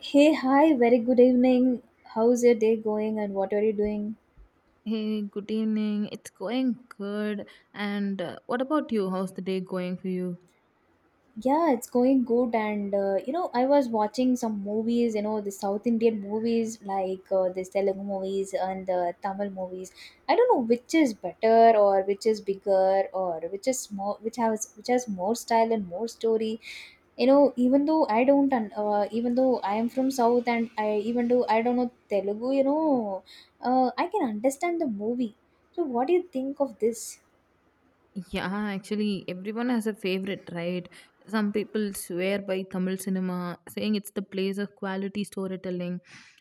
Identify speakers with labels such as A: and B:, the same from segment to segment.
A: Hey, hi, very good evening. How's your day going and what are you doing?
B: Hey, good evening. It's going good. And what about you? How's the day going for you?
A: Yeah, it's going good, and you know, I was watching some movies, you know, the South Indian movies like this Telugu movies and the Tamil movies. I don't know which is better or which is bigger or which is more, which has more style and more story. You know, even though I don't, even though I am from South and I even though I don't know Telugu, you know, I can understand the movie. So, what do you think of this?
B: Yeah, actually, everyone has a favorite, right? Some people swear by Tamil cinema, saying it's the place of quality storytelling.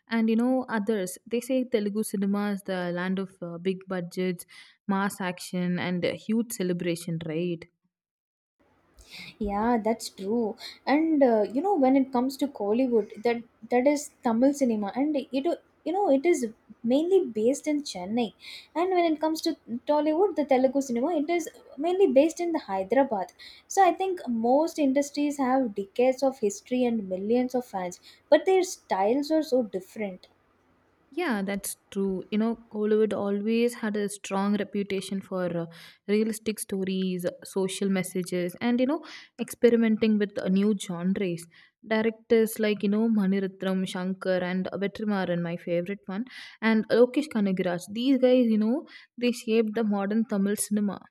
B: And you know, others, they say Telugu cinema is the land of big budgets, mass action, and huge celebration, right?
A: Yeah, that's true. And you know, when it comes to Kollywood, that is Tamil cinema, and it you know it is mainly based in Chennai. And when it comes to Tollywood, the Telugu cinema, it is mainly based in the Hyderabad. So I think most industries have decades of history and millions of fans, but their styles are so different.
B: Yeah, that's true. You know, Hollywood always had a strong reputation for realistic stories, social messages, and you know, experimenting with new genres. Directors like you know Manirathnam, Shankar, and Vetrimaran, my favorite one, and Lokesh Kanagaraj. These guys, you know, they shaped the modern Tamil cinema.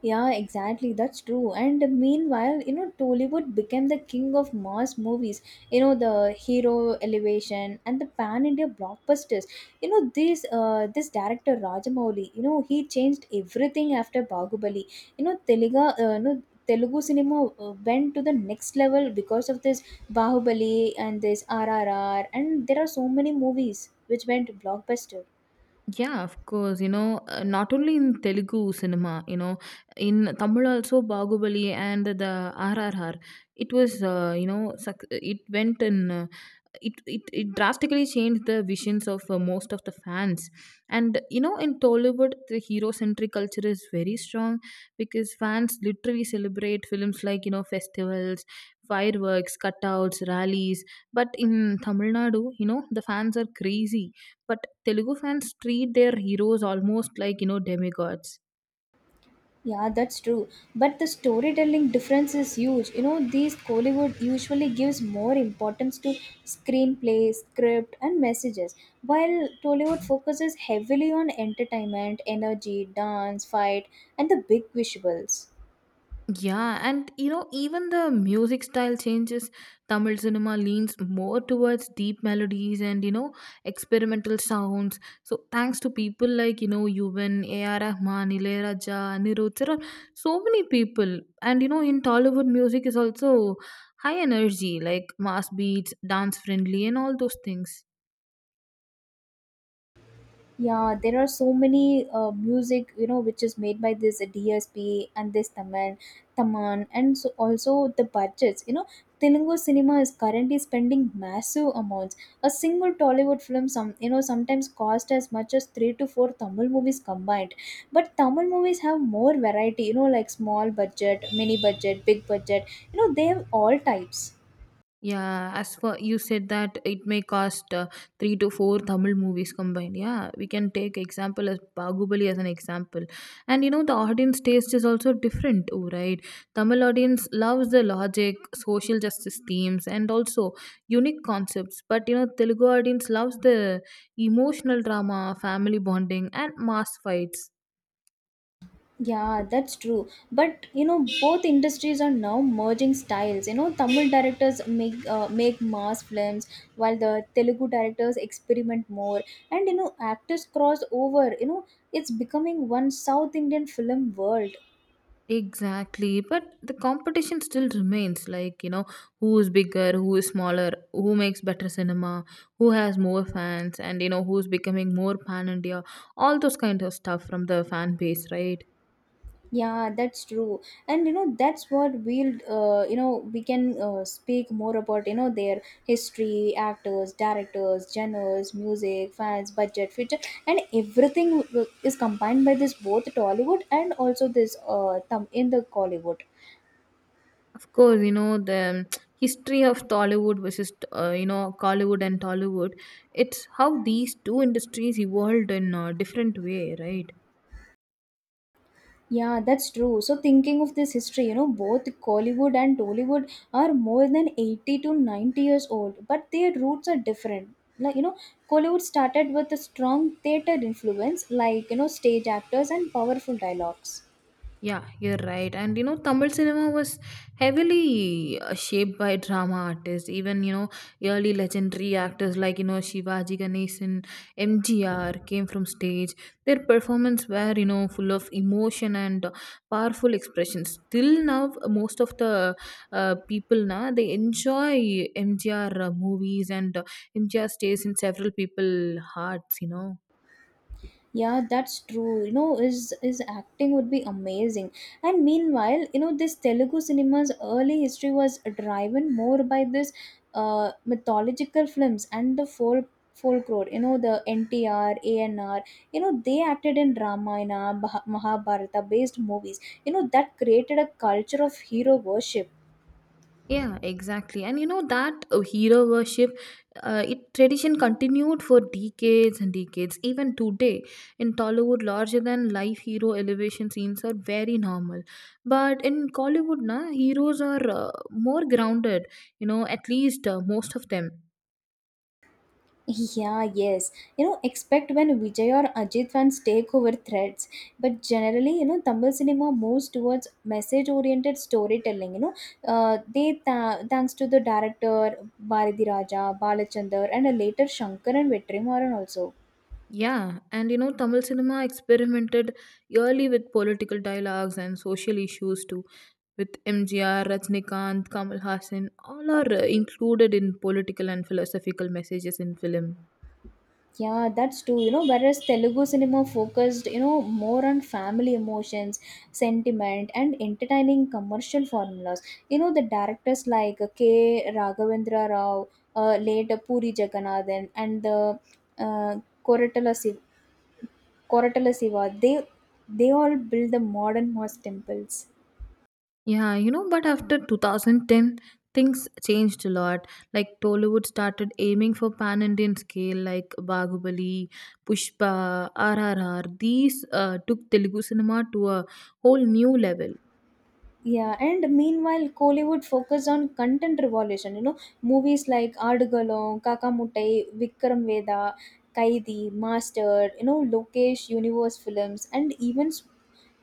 A: Yeah, exactly. That's true. And meanwhile, you know, Tollywood became the king of mass movies. You know, the hero elevation and the pan India blockbusters. You know, this director Rajamouli. You know, he changed everything after Bahubali. You know, Telugu. No, Telugu cinema went to the next level because of this Bahubali and this RRR, and there are so many movies which went blockbuster.
B: Yeah, of course. You know, not only in Telugu cinema, you know, in Tamil also Bahubali and the RRR. It was, you know, it went in. It drastically changed the visions of most of the fans. And you know, in Tollywood, the hero centric culture is very strong because fans literally celebrate films like, you know, festivals, fireworks, cutouts, rallies. But in Tamil Nadu, you know, the fans are crazy, but Telugu fans treat their heroes almost like, you know, demigods.
A: Yeah, that's true. But the storytelling difference is huge. You know, these Kollywood usually gives more importance to screenplay, script, and messages, while Tollywood focuses heavily on entertainment, energy, dance, fight, and the big visuals.
B: Yeah, and you know, even the music style changes. Tamil cinema leans more towards deep melodies and you know, experimental sounds. So, thanks to people like, you know, Yuvan, A.R. Rahman, Ilayaraja, Anirudh, there are so many people. And you know, in Tollywood, music is also high energy, like mass beats, dance friendly, and all those things.
A: Yeah, there are so many music, you know, which is made by this DSP and this Taman, and so also the budgets. You know, Telugu cinema is currently spending massive amounts. A single Tollywood film, some you know, sometimes cost as much as three to four Tamil movies combined. But Tamil movies have more variety. You know, like small budget, mini budget, big budget. You know, they have all types.
B: Yeah, as for you said that it may cost three to four Tamil movies combined. Yeah, we can take example as Bahubali as an example, and you know the audience taste is also different too, right? Tamil audience loves the logic, social justice themes, and also unique concepts. But you know Telugu audience loves the emotional drama, family bonding, and mass fights.
A: Yeah, that's true. But you know, both industries are now merging styles. You know, Tamil directors make mass films, while the Telugu directors experiment more. And you know, actors cross over. You know, it's becoming one South Indian film world.
B: Exactly, but the competition still remains like, you know, who is bigger, who is smaller, who makes better cinema, who has more fans, and you know, who's becoming more pan India, all those kind of stuff from the fan base, right?
A: Yeah, that's true. And you know, that's what you know, we can speak more about, you know, their history, actors, directors, genres, music, fans, budget, future, and everything is combined by this both Tollywood and also this thumb in the Collywood.
B: Of course, you know, the history of Tollywood versus, you know, Collywood and Tollywood, it's how these two industries evolved in a different way, right?
A: Yeah, that's true. So thinking of this history, you know, both Kollywood and Tollywood are more than 80 to 90 years old, but their roots are different. Like, you know, Kollywood started with a strong theatre influence, like, you know, stage actors and powerful dialogues.
B: Yeah, you're right. And you know, Tamil cinema was heavily shaped by drama artists. Even you know, early legendary actors like you know Shivaji Ganesan, MGR came from stage. Their performance were you know full of emotion and powerful expressions. Till now, most of the people now they enjoy MGR movies, and MGR stays in several people hearts. You know.
A: Yeah, that's true. You know, his acting would be amazing, and meanwhile, you know, this Telugu cinema's early history was driven more by this mythological films and the folk folklore. You know, the NTR, ANR, you know, they acted in Ramayana, Mahabharata based movies. You know, that created a culture of hero worship.
B: Yeah, exactly. And you know that hero worship, it tradition continued for decades and decades. Even today, in Tollywood, larger than life hero elevation scenes are very normal. But in Collywood, na heroes are more grounded. You know, at least most of them.
A: Yeah, yes. You know, expect when Vijay or Ajit fans take over threads. But generally, you know, Tamil cinema moves towards message-oriented storytelling. You know, thanks to the director Bharati Raja, Balachandar, and a later Shankar and Vetrimaran also.
B: Yeah, and you know, Tamil cinema experimented early with political dialogues and social issues too. With MGR, Rajnikant, Kamal Haasan, all are included in political and philosophical messages in film.
A: Yeah, that's true. You know, whereas Telugu cinema focused, you know, more on family emotions, sentiment, and entertaining commercial formulas. You know, the directors like K. Raghavendra Rao, late Puri Jagannathan, and the uh, Koratala Siva, Koratala Siva, they all build the modern mosque temples.
B: Yeah, you know, but after 2010, things changed a lot. Like Tollywood started aiming for pan Indian scale, like Bahubali, Pushpa, RRR. These took Telugu cinema to a whole new level.
A: Yeah, and meanwhile, Kollywood focused on content revolution. You know, movies like Adugalon, Kakamuttai, Vikram Veda, Kaidi, Master, you know, Lokesh Universe films, and even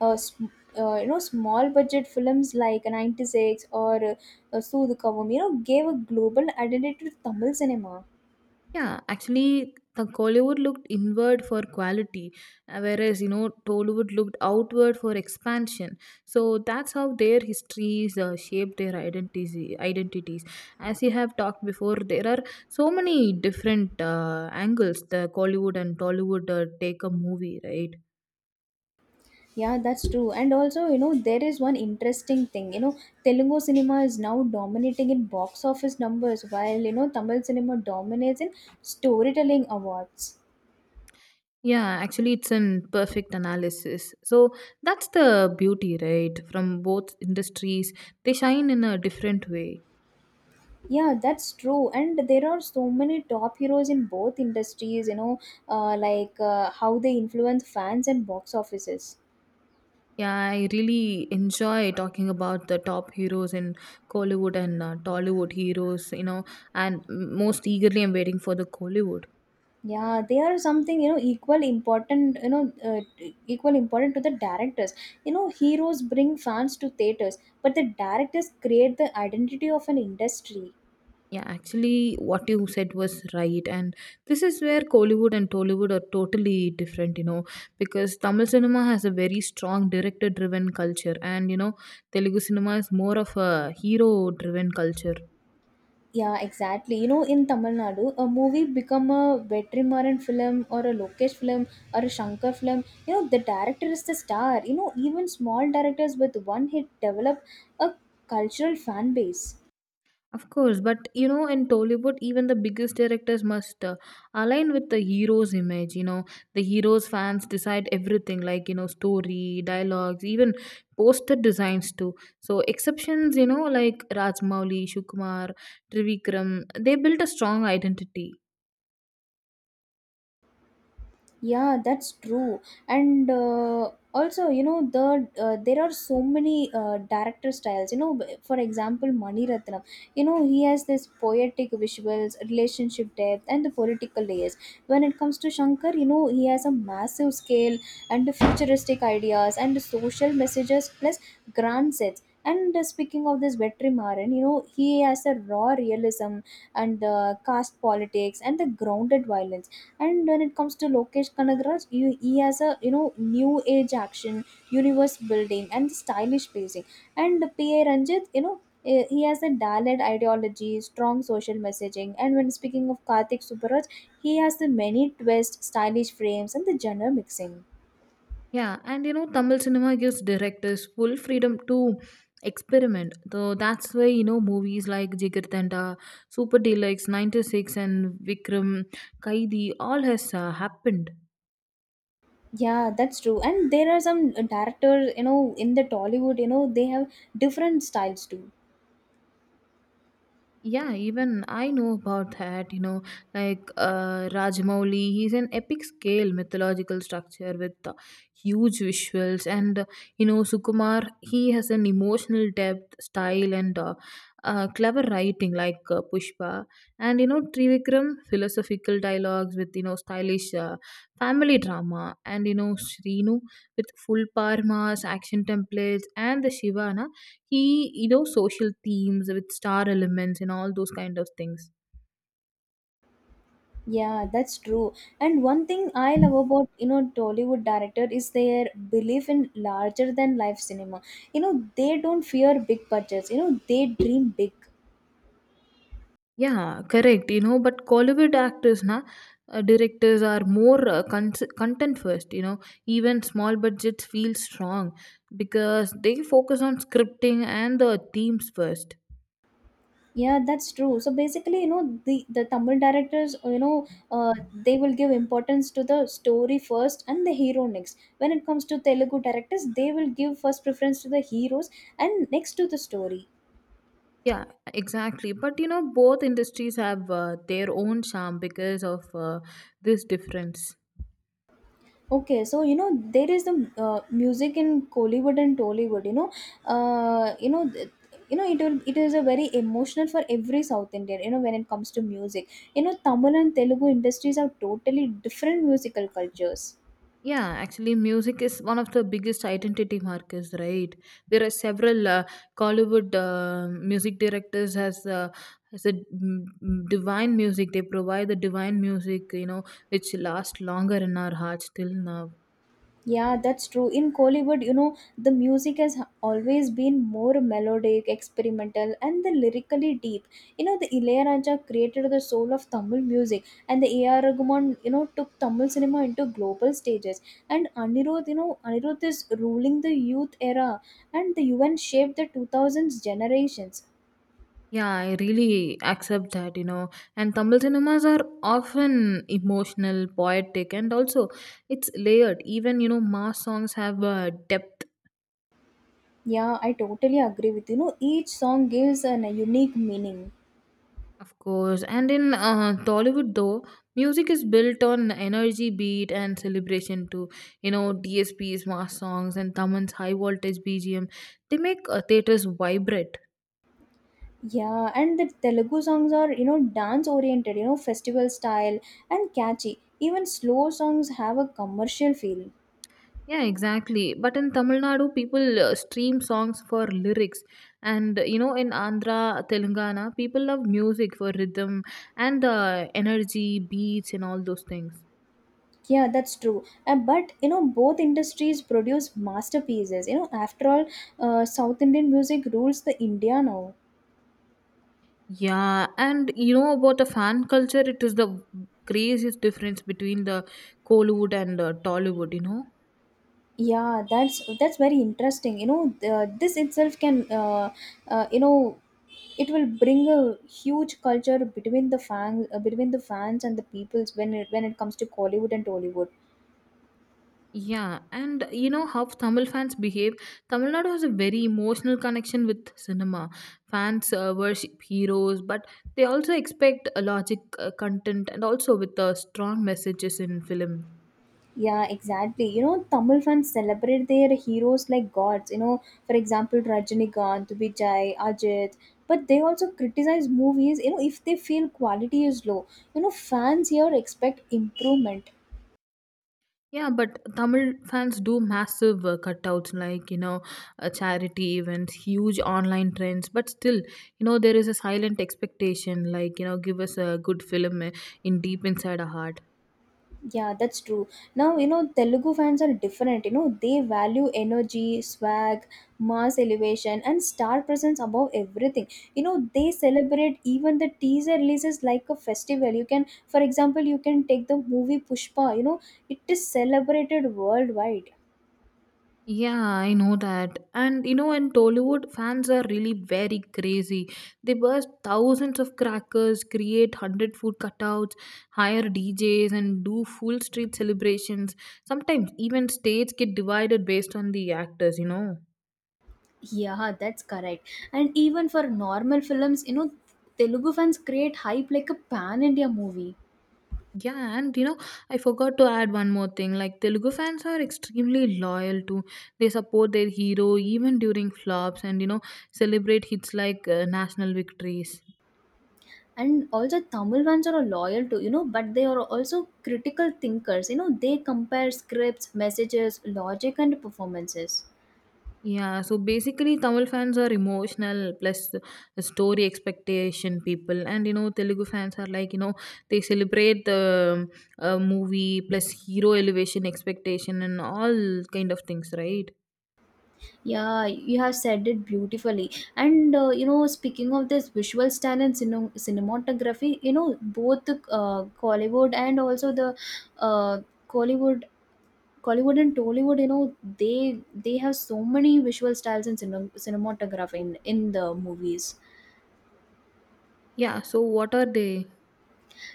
A: uh, sm- you know, small budget films like 96 or Soodhukavam, you know, gave a global identity to Tamil cinema.
B: Yeah, actually, the Kollywood looked inward for quality, whereas you know Tollywood looked outward for expansion. So that's how their histories shape their identities. Identities, as you have talked before, there are so many different angles the Kollywood and Tollywood take a movie, right?
A: Yeah, that's true. And also, you know, there is one interesting thing. You know, Telugu cinema is now dominating in box office numbers while, you know, Tamil cinema dominates in storytelling awards.
B: Yeah, actually, it's an perfect analysis. So that's the beauty, right? From both industries, they shine in a different way.
A: Yeah, that's true. And there are so many top heroes in both industries, you know, like how they influence fans and box offices.
B: Yeah, I really enjoy talking about the top heroes in Kollywood and Tollywood heroes, you know, and most eagerly I'm waiting for the Kollywood.
A: Yeah, they are something you know equal important, you know, equal important to the directors. You know, heroes bring fans to theaters, but the directors create the identity of an industry.
B: Yeah, actually, what you said was right, and this is where Kollywood and Tollywood are totally different, you know, because Tamil cinema has a very strong director driven culture, and you know, Telugu cinema is more of a hero driven culture.
A: Yeah, exactly. You know, in Tamil Nadu, a movie become a Vetrimaran film or a Lokesh film or a Shankar film. You know, the director is the star. You know, even small directors with one hit develop a cultural fan base.
B: Of course, but you know, in Tollywood, even the biggest directors must align with the hero's image. You know, the hero's fans decide everything, like you know, story, dialogues, even poster designs too. So exceptions, you know, like Rajmouli, Shukumar, Trivikram, they built a strong identity.
A: Yeah, that's true. And also, you know, there are so many director styles. You know, for example, Mani Ratnam, you know, he has this poetic visuals, relationship depth, and the political layers. When it comes to Shankar, you know, he has a massive scale and futuristic ideas and social messages plus grand sets, and speaking of this Vetri Maran, you know, he has a raw realism and the caste politics and the grounded violence. And when it comes to Lokesh Kanagraj, you, he has a, you know, new age action, universe building and stylish pacing. And P.A. Ranjit, you know, he has a Dalit ideology, strong social messaging, and when speaking of Karthik Subaraj, he has the many twists, stylish frames, and the genre mixing.
B: Yeah, and you know, Tamil cinema gives directors full freedom to experiment. So that's why, you know, movies like Jigarthanda, Super Deluxe, 96, and Vikram, Kaidi, all has happened.
A: Yeah, that's true. And there are some directors, you know, in the Tollywood, you know, they have different styles too.
B: Yeah, even I know about that, you know, like Rajmouli, he's an epic scale mythological structure with huge visuals. And, you know, Sukumar, he has an emotional depth, style, and clever writing like Pushpa. And, you know, Trivikram, philosophical dialogues with, you know, stylish family drama. And, you know, Srinu with full parmas, action templates, and the Shiva, he, you know, social themes with star elements and all those kind of things.
A: Yeah, that's true. And one thing I love about, you know, Tollywood director is their belief in larger than life cinema. You know, they don't fear big budgets. You know, they dream big.
B: Yeah, correct. You know, but Kollywood actors na, directors are more content first, you know. Even small budgets feel strong because they focus on scripting and the themes first.
A: Yeah, that's true. So basically, you know, the Tamil directors, you know, they will give importance to the story first and the hero next. When it comes to Telugu directors, they will give first preference to the heroes and next to the story.
B: Yeah, exactly, but you know both industries have their own charm because of this difference.
A: Okay, so you know there is the music in Kollywood and Tollywood. You know, you know. You know, it will, it is a very emotional for every South Indian. You know, when it comes to music, you know, Tamil and Telugu industries have totally different musical cultures.
B: Yeah, actually, music is one of the biggest identity markers, right? There are several Hollywood music directors has a divine music. They provide the divine music, you know, which lasts longer in our hearts till now.
A: Yeah, that's true. In Kollywood, you know, the music has always been more melodic, experimental, and the lyrically deep. You know, the Ilayaraja created the soul of Tamil music, and the A.R. Rahman, you know, took Tamil cinema into global stages. And Anirudh, you know, Anirudh is ruling the youth era, and the UN shaped the 2000s generations.
B: Yeah, I really accept that, you know. And Tamil cinemas are often emotional, poetic, and also it's layered. Even you know, mass songs have depth.
A: Yeah, I totally agree with you. You know, each song gives an, a unique meaning.
B: Of course, and in Tollywood though, music is built on energy, beat, and celebration too. You know, DSP's mass songs and Tamil's high voltage BGM, they make theaters vibrate.
A: Yeah, and the Telugu songs are, you know, dance oriented, you know, festival style and catchy. Even slow songs have a commercial feel.
B: Yeah, exactly. But in Tamil Nadu, people stream songs for lyrics, and you know, in Andhra, Telangana, people love music for rhythm and energy, beats, and all those things.
A: Yeah, that's true. But, you know, both industries produce masterpieces. You know, after all, South Indian music rules the India now.
B: Yeah, and you know about the fan culture, it is the craziest difference between the Kollywood and Tollywood, you know.
A: Yeah, that's very interesting. You know, this itself can, you know, it will bring a huge culture between the fans and the peoples when it comes to Kollywood and Tollywood.
B: Yeah, and you know how Tamil fans behave. Tamil Nadu has a very emotional connection with cinema. Fans worship heroes, but they also expect a logic content and also with strong messages in film.
A: Yeah, exactly. You know, Tamil fans celebrate their heroes like gods. You know, for example, Rajinikanth, Vijay, Ajit. But they also criticize movies, you know, if they feel quality is low. You know, fans here expect improvement.
B: Yeah, but Tamil fans do massive cutouts like, you know, charity events, huge online trends. But still, you know, there is a silent expectation like, you know, give us a good film in deep inside our heart.
A: Yeah, that's true. Now, you know, Telugu fans are different. You know, they value energy, swag, mass elevation, and star presence above everything. You know, they celebrate even the teaser releases like a festival. You can, for example, you can take the movie Pushpa, you know, it is celebrated worldwide.
B: Yeah, I know that. And, you know, in Tollywood, fans are really very crazy. They burst thousands of crackers, create 100 food cutouts, hire DJs, and do full street celebrations. Sometimes even states get divided based on the actors, you know.
A: Yeah, that's correct. And even for normal films, you know, Telugu fans create hype like a pan India movie.
B: Yeah, and you know, I forgot to add one more thing. Like Telugu fans are extremely loyal to, they support their hero even during flops and you know, celebrate hits like national victories.
A: And also Tamil ones are loyal to, you know, but they are also critical thinkers. You know, they compare scripts, messages, logic, and performances.
B: Yeah, so basically Tamil fans are emotional plus the story expectation people, and you know Telugu fans are like, you know, they celebrate the movie plus hero elevation expectation and all kind of things, right?
A: Yeah, you have said it beautifully. And you know, speaking of this visual style and cinematography, you know, both the uh, Collywood, Collywood and Tollywood, you know, they have so many visual styles and cinematography in the movies.
B: Yeah, so what are they?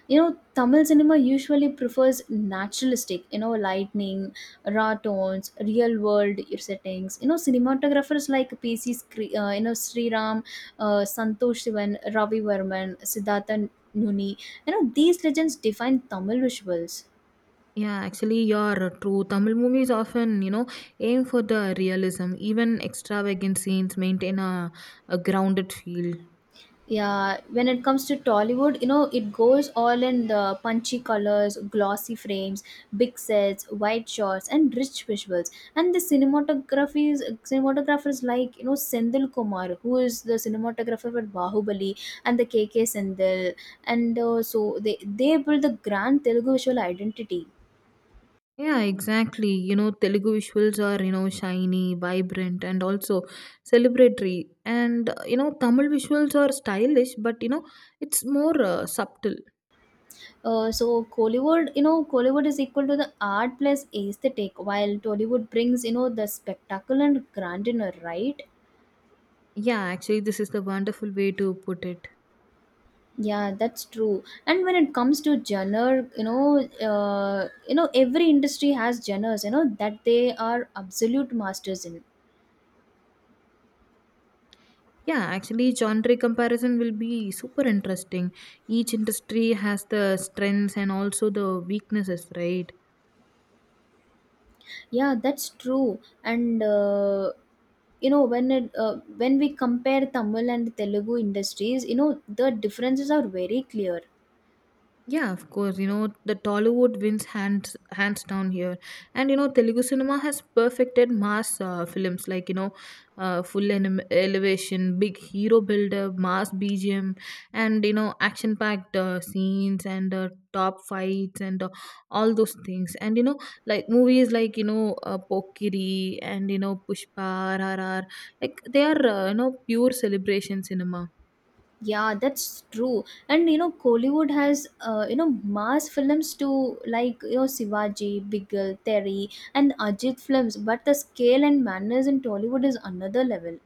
A: You know, Tamil cinema usually prefers naturalistic, you know, lightning, raw tones, real world settings. You know, cinematographers like PC, you know, Sri Ram, Santosh Sivan, Ravi Varman, Siddhartha Nuni. You know, these legends define Tamil visuals.
B: Yeah, actually, you're true. Tamil movies often, you know, aim for the realism. Even extravagant scenes maintain a grounded feel.
A: Yeah, when it comes to Tollywood, you know, it goes all in the punchy colors, glossy frames, big sets, wide shots, and rich visuals. And the cinematography is cinematographers like you know Sendil Kumar, who is the cinematographer for Bahubali and the K K Sendil, and so they build the grand Telugu visual identity.
B: Yeah, exactly. You know, Telugu visuals are, you know, shiny, vibrant, and also celebratory. And, you know, Tamil visuals are stylish, but, you know, it's more subtle.
A: So Kollywood, you know, Kollywood is equal to the art plus aesthetic, while Tollywood brings you know the spectacle and grandeur, right?
B: Yeah, actually, this is the wonderful way to put it.
A: Yeah, that's true. And when it comes to genre, you know, every industry has genres, you know, that they are absolute masters in.
B: Yeah, actually, genre comparison will be super interesting. Each industry has the strengths and also the weaknesses, right?
A: Yeah, that's true. And you know, when it when we compare Tamil and Telugu industries, you know, the differences are very clear.
B: Yeah, of course. You know, the Tollywood wins hands down here, and you know, Telugu cinema has perfected mass films like you know, elevation, big hero buildup, mass BGM, and you know, action packed scenes and top fights and all those things. And you know, like movies like you know, Pokiri and you know, Pushpa, RRR, like they are you know, pure celebration cinema.
A: Yeah, that's true. And you know, Kollywood has you know mass films too, like you know Sivaji, Biggle, Terry, and Ajit films. But the scale and manners in Tollywood is another level.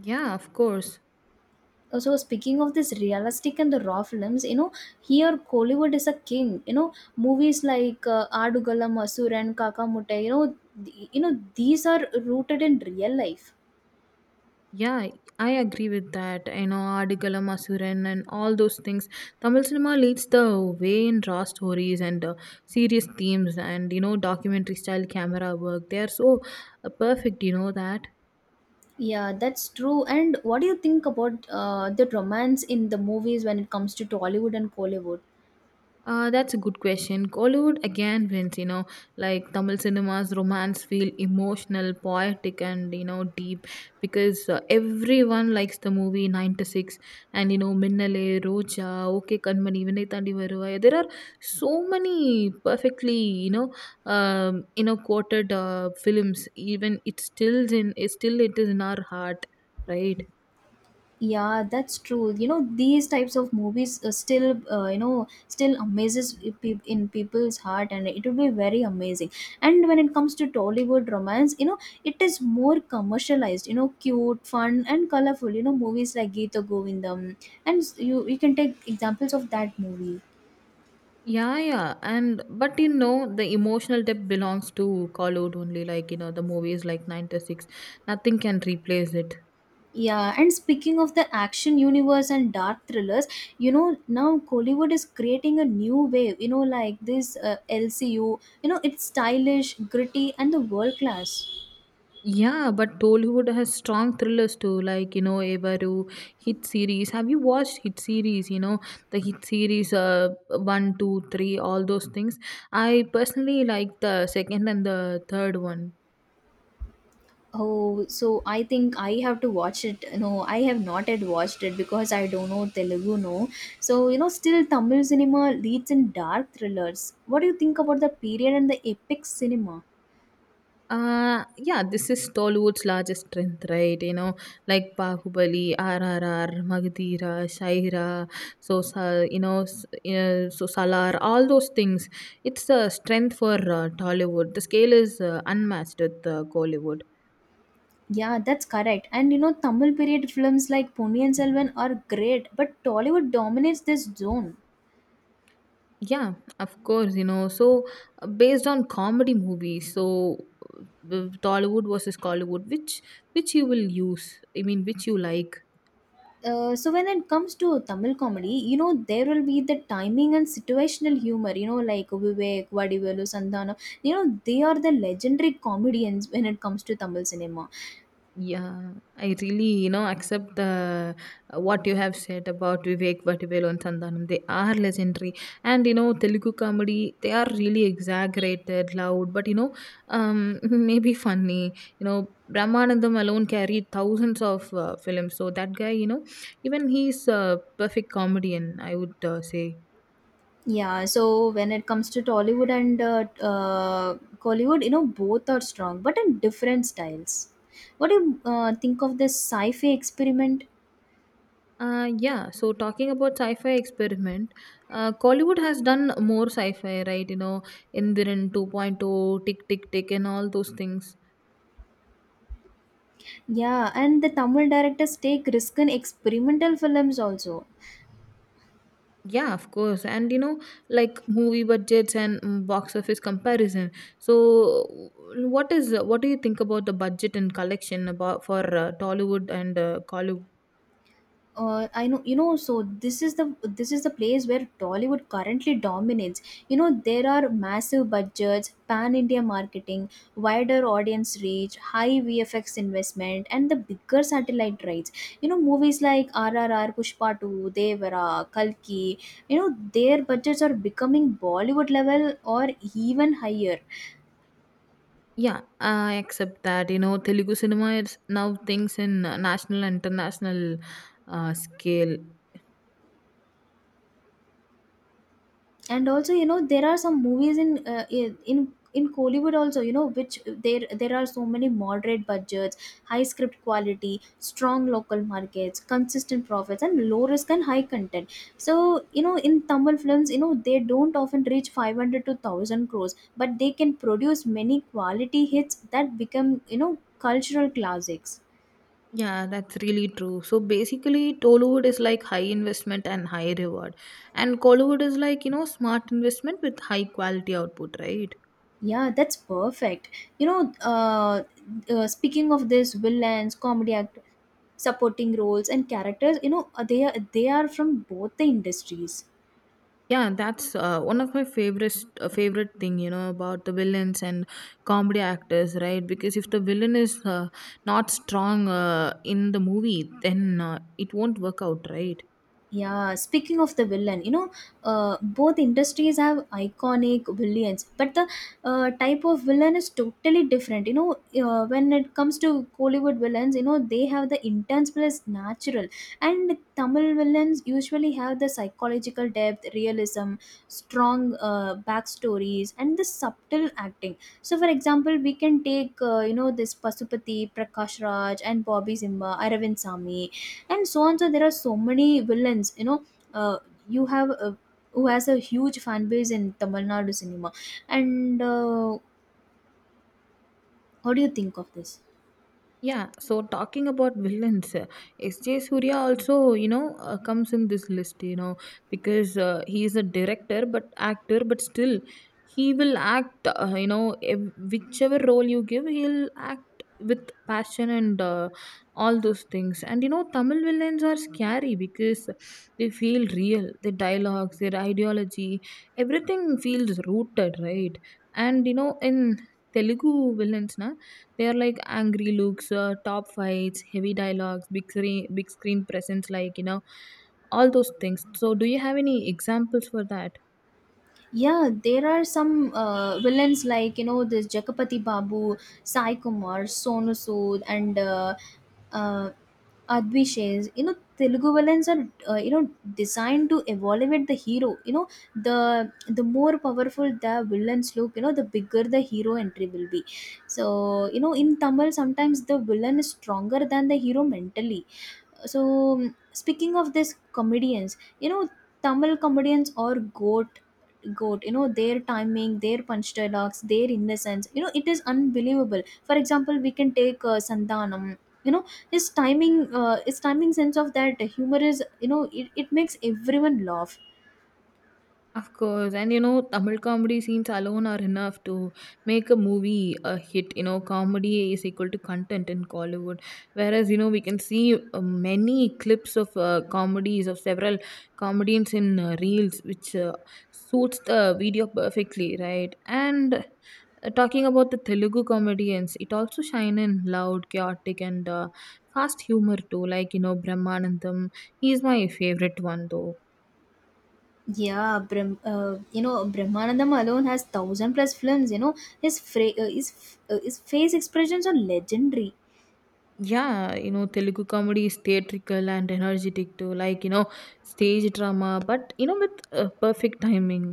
B: Yeah, of course.
A: So speaking of this realistic and the raw films, you know, here Kollywood is a king. You know, movies like Aadugala Masur and Kakamuttai. You know, you know these are rooted in real life.
B: Yeah, I agree with that. You know, Adigalam Asuran and all those things. Tamil cinema leads the way in raw stories and serious themes and, you know, documentary style camera work. They are so perfect, you know, that.
A: Yeah, that's true. And what do you think about the romance in the movies when it comes to Tollywood and Collywood?
B: That's a good question. Kollywood again wins, you know, like Tamil cinema's romance feel emotional, poetic, and you know, deep because everyone likes the movie 96 and you know, Minnale, Roja, OK Kanmani, Vinay Thandi Varuvai. There are so many perfectly, you know, quoted films, even it still it is in our heart, right?
A: Yeah, that's true. You know, these types of movies still, you know, still amazes in people's heart, and it will be very amazing. And when it comes to Tollywood romance, you know, it is more commercialized. You know, cute, fun, and colorful. You know, movies like Geeta Govindam, and you can take examples of that movie.
B: Yeah, yeah. And but you know, the emotional depth belongs to Call Out only, like you know, the movies like 96. Nothing can replace it.
A: Yeah, and speaking of the action universe and dark thrillers, you know, now Kollywood is creating a new wave, you know, like this LCU, you know, it's stylish, gritty, and the world class.
B: Yeah, but Tollywood has strong thrillers too, like you know, Evaru, Hit series. Have you watched Hit series? You know, the Hit series, one, two, three, all those things. I personally like the second and the third one.
A: Oh, so I think I have to watch it. No, I have not yet watched it because I don't know Telugu, no. So, you know, still Tamil cinema leads in dark thrillers. What do you think about the period and the epic cinema?
B: Yeah, this is Tollywood's largest strength, right? You know, like Bahubali, RRR, Magadira, Shaira, so Salar, all those things. It's a strength for Tollywood. The scale is unmatched with Gollywood.
A: Yeah, that's correct. And you know, Tamil period films like Ponniyin Selvan are great, but Tollywood dominates this zone.
B: Yeah, of course, you know. So, based on comedy movies, so Tollywood versus Collywood, which you will use? I mean, which you like?
A: So when it comes to Tamil comedy, you know there will be the timing and situational humor. You know, like Vivek, Vadivelu, Santhanam. You know they are the legendary comedians when it comes to Tamil cinema.
B: Yeah, I really, you know, accept the what you have said about Vivek Vadivel and Santhanam. They are legendary, and you know, Telugu comedy. They are really exaggerated, loud, but you know, maybe funny. You know, Brahmanandam alone carried thousands of films, so that guy, you know, even he's a perfect comedian, I would say.
A: Yeah. So when it comes to Tollywood and Collywood, you know both are strong, but in different styles. What do you think of this sci-fi experiment?
B: Yeah, so talking about sci fi experiment, Kollywood has done more sci fi, right? You know, Indiran 2.0, Tick Tick Tick, and all those things.
A: Yeah, and the Tamil directors take risk in experimental films also.
B: Yeah, of course. And you know, like movie budgets and box office comparison. So, what do you think about the budget and collection about for Tollywood and Kollywood?
A: I know you know so this is the place where Tollywood currently dominates. You know there are massive budgets, pan India marketing, wider audience reach, high VFX investment, and the bigger satellite rights. You know movies like RRR, Pushpa 2, Devara, Kalki. You know their budgets are becoming Bollywood level or even higher
B: Yeah, I accept that. You know, Telugu cinema is now things in national and international scale.
A: and also you know there are some movies in in in Kollywood also you know which there are so many moderate budgets high script quality strong local markets consistent profits and low risk and high content so you know in Tamil films you know they don't often reach 500 to 1000 crores but they can produce many quality hits that become you know cultural classics.
B: Yeah, that's really true. So basically, Tollywood is like high investment and high reward, and Collywood is like you know smart investment with high quality output, right?
A: Yeah, that's perfect. You know, speaking of this, villains, comedy act, supporting roles, and characters, you know, they are from both the industries.
B: Yeah, that's one of my favorite thing you know about the villains and comedy actors, right? Because if the villain is not strong in the movie, then it won't work out, right?
A: Yeah, speaking of the villain, you know, both industries have iconic villains, but the type of villain is totally different. You know, when it comes to Hollywood villains, you know, they have the intense plus natural, and Tamil villains usually have the psychological depth, realism, strong backstories, and the subtle acting. So, for example, we can take, you know, this Pasupati, Prakash Raj, and Bobby Zimba, Aravind Sami and so on, so there are so many villains you know uh, you have who has a huge fan base in Tamil Nadu cinema and what do you think of this?
B: Yeah, so talking about villains, S.J. Surya also, you know, comes in this list, you know, because he is a director but actor, but still he will act, you know, whichever role you give, he'll act with passion and all those things. And, you know, Tamil villains are scary because they feel real, their dialogues, their ideology, everything feels rooted, right? And, you know, in Telugu villains, they are like angry looks, top fights, heavy dialogues, big screen presence, like you know, all those things. So, do you have any examples for that?
A: Yeah, there are some villains like you know this Jakapati Babu, Sai Kumar, Sonu Sood and uh, Advishes, you know, Telugu villains are, you know, designed to evaluate the hero. You know, the the more powerful the villains look, you know, the bigger the hero entry will be. So, you know, in Tamil, sometimes the villain is stronger than the hero mentally. So speaking of this comedians you know Tamil comedians are goat, goat, you know their timing, their punch dialogues, their innocence, you know it is unbelievable. For example, we can take Sandanam, you know, his timing sense of that humor is, you know, it makes everyone laugh.
B: Of course, and you know, Tamil comedy scenes alone are enough to make a movie a hit. You know, comedy is equal to content in Kollywood. Whereas, you know, we can see many clips of comedies of several comedians in reels, which suits the video perfectly, right? And talking about the Telugu comedians, it also shine in loud, chaotic, and fast humor too. Like you know, Brahmanandam, he's my favorite one though.
A: Yeah, you know Brahmanandam alone has thousand plus films you know his fra- his, f- his face expressions are legendary.
B: Yeah, you know, Telugu comedy is theatrical and energetic too, like, you know, stage drama, but, you know, with perfect timing.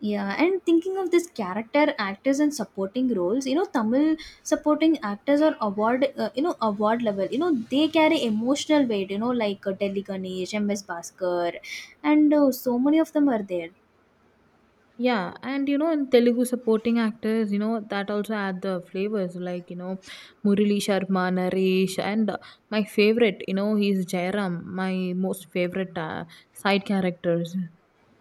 A: Yeah, and thinking of this character actors and supporting roles, you know, Tamil supporting actors are you know, award level. You know, they carry emotional weight. You know, like Delhi Ganesh, M.S. Bhaskar, and so many of them are there.
B: Yeah, and you know, in Telugu supporting actors, you know, that also add the flavors, like, you know, Murali Sharma, Naresh, and my favorite, you know, he's Jairam, my most favorite side characters.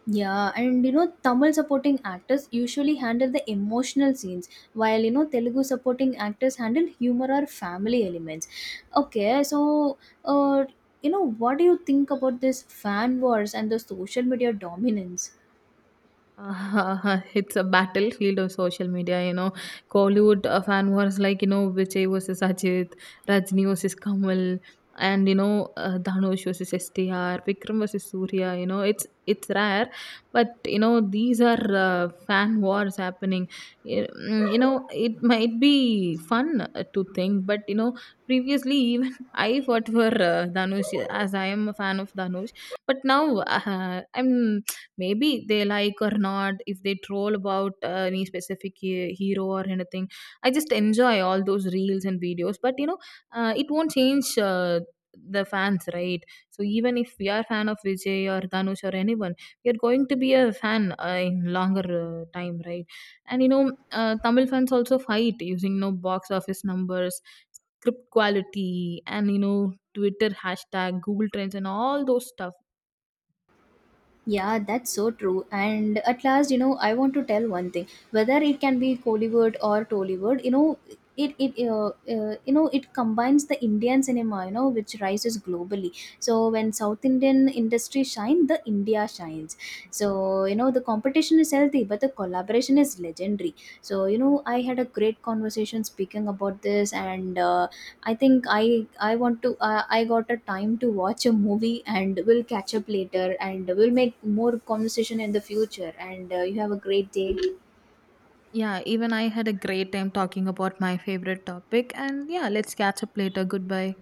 A: Yeah, and you know, Tamil supporting actors usually handle the emotional scenes, while you know, Telugu supporting actors handle humor or family elements. Okay, so uh, you know, what do you think about this fan wars and the social media dominance?
B: It's a battlefield of social media, you know. Kollywood fan wars like, you know, Vijay versus Ajit, Rajni versus Kamal, and you know, Dhanush versus STR, Vikram versus Surya. You know, it's rare, but you know, these are fan wars happening. You know, it might be fun to think, but you know, previously even I fought for Dhanush as I am a fan of Dhanush, but now I'm maybe they like or not. If they troll about any specific hero or anything, I just enjoy all those reels and videos. But you know, it won't change the fans, right? So even if we are fan of Vijay or Dhanush or anyone, we are going to be a fan in longer time, right? And you know, Tamil fans also fight using you know box office numbers, script quality, and you know, Twitter hashtag, Google trends, and all those stuff.
A: Yeah, that's so true. And at last, you know, I want to tell one thing. Whether it can be Kollywood or Tollywood, you know, it you know it combines the Indian cinema, you know, which rises globally. So when South Indian industry shine, the India shines. So you know the competition is healthy, but the collaboration is legendary. So you know, I had a great conversation speaking about this, and I think I want to I got a time to watch a movie, and we'll catch up later and we'll make more conversation in the future, and you have a great day.
B: Yeah, even I had a great time talking about my favorite topic. And yeah, let's catch up later. Goodbye.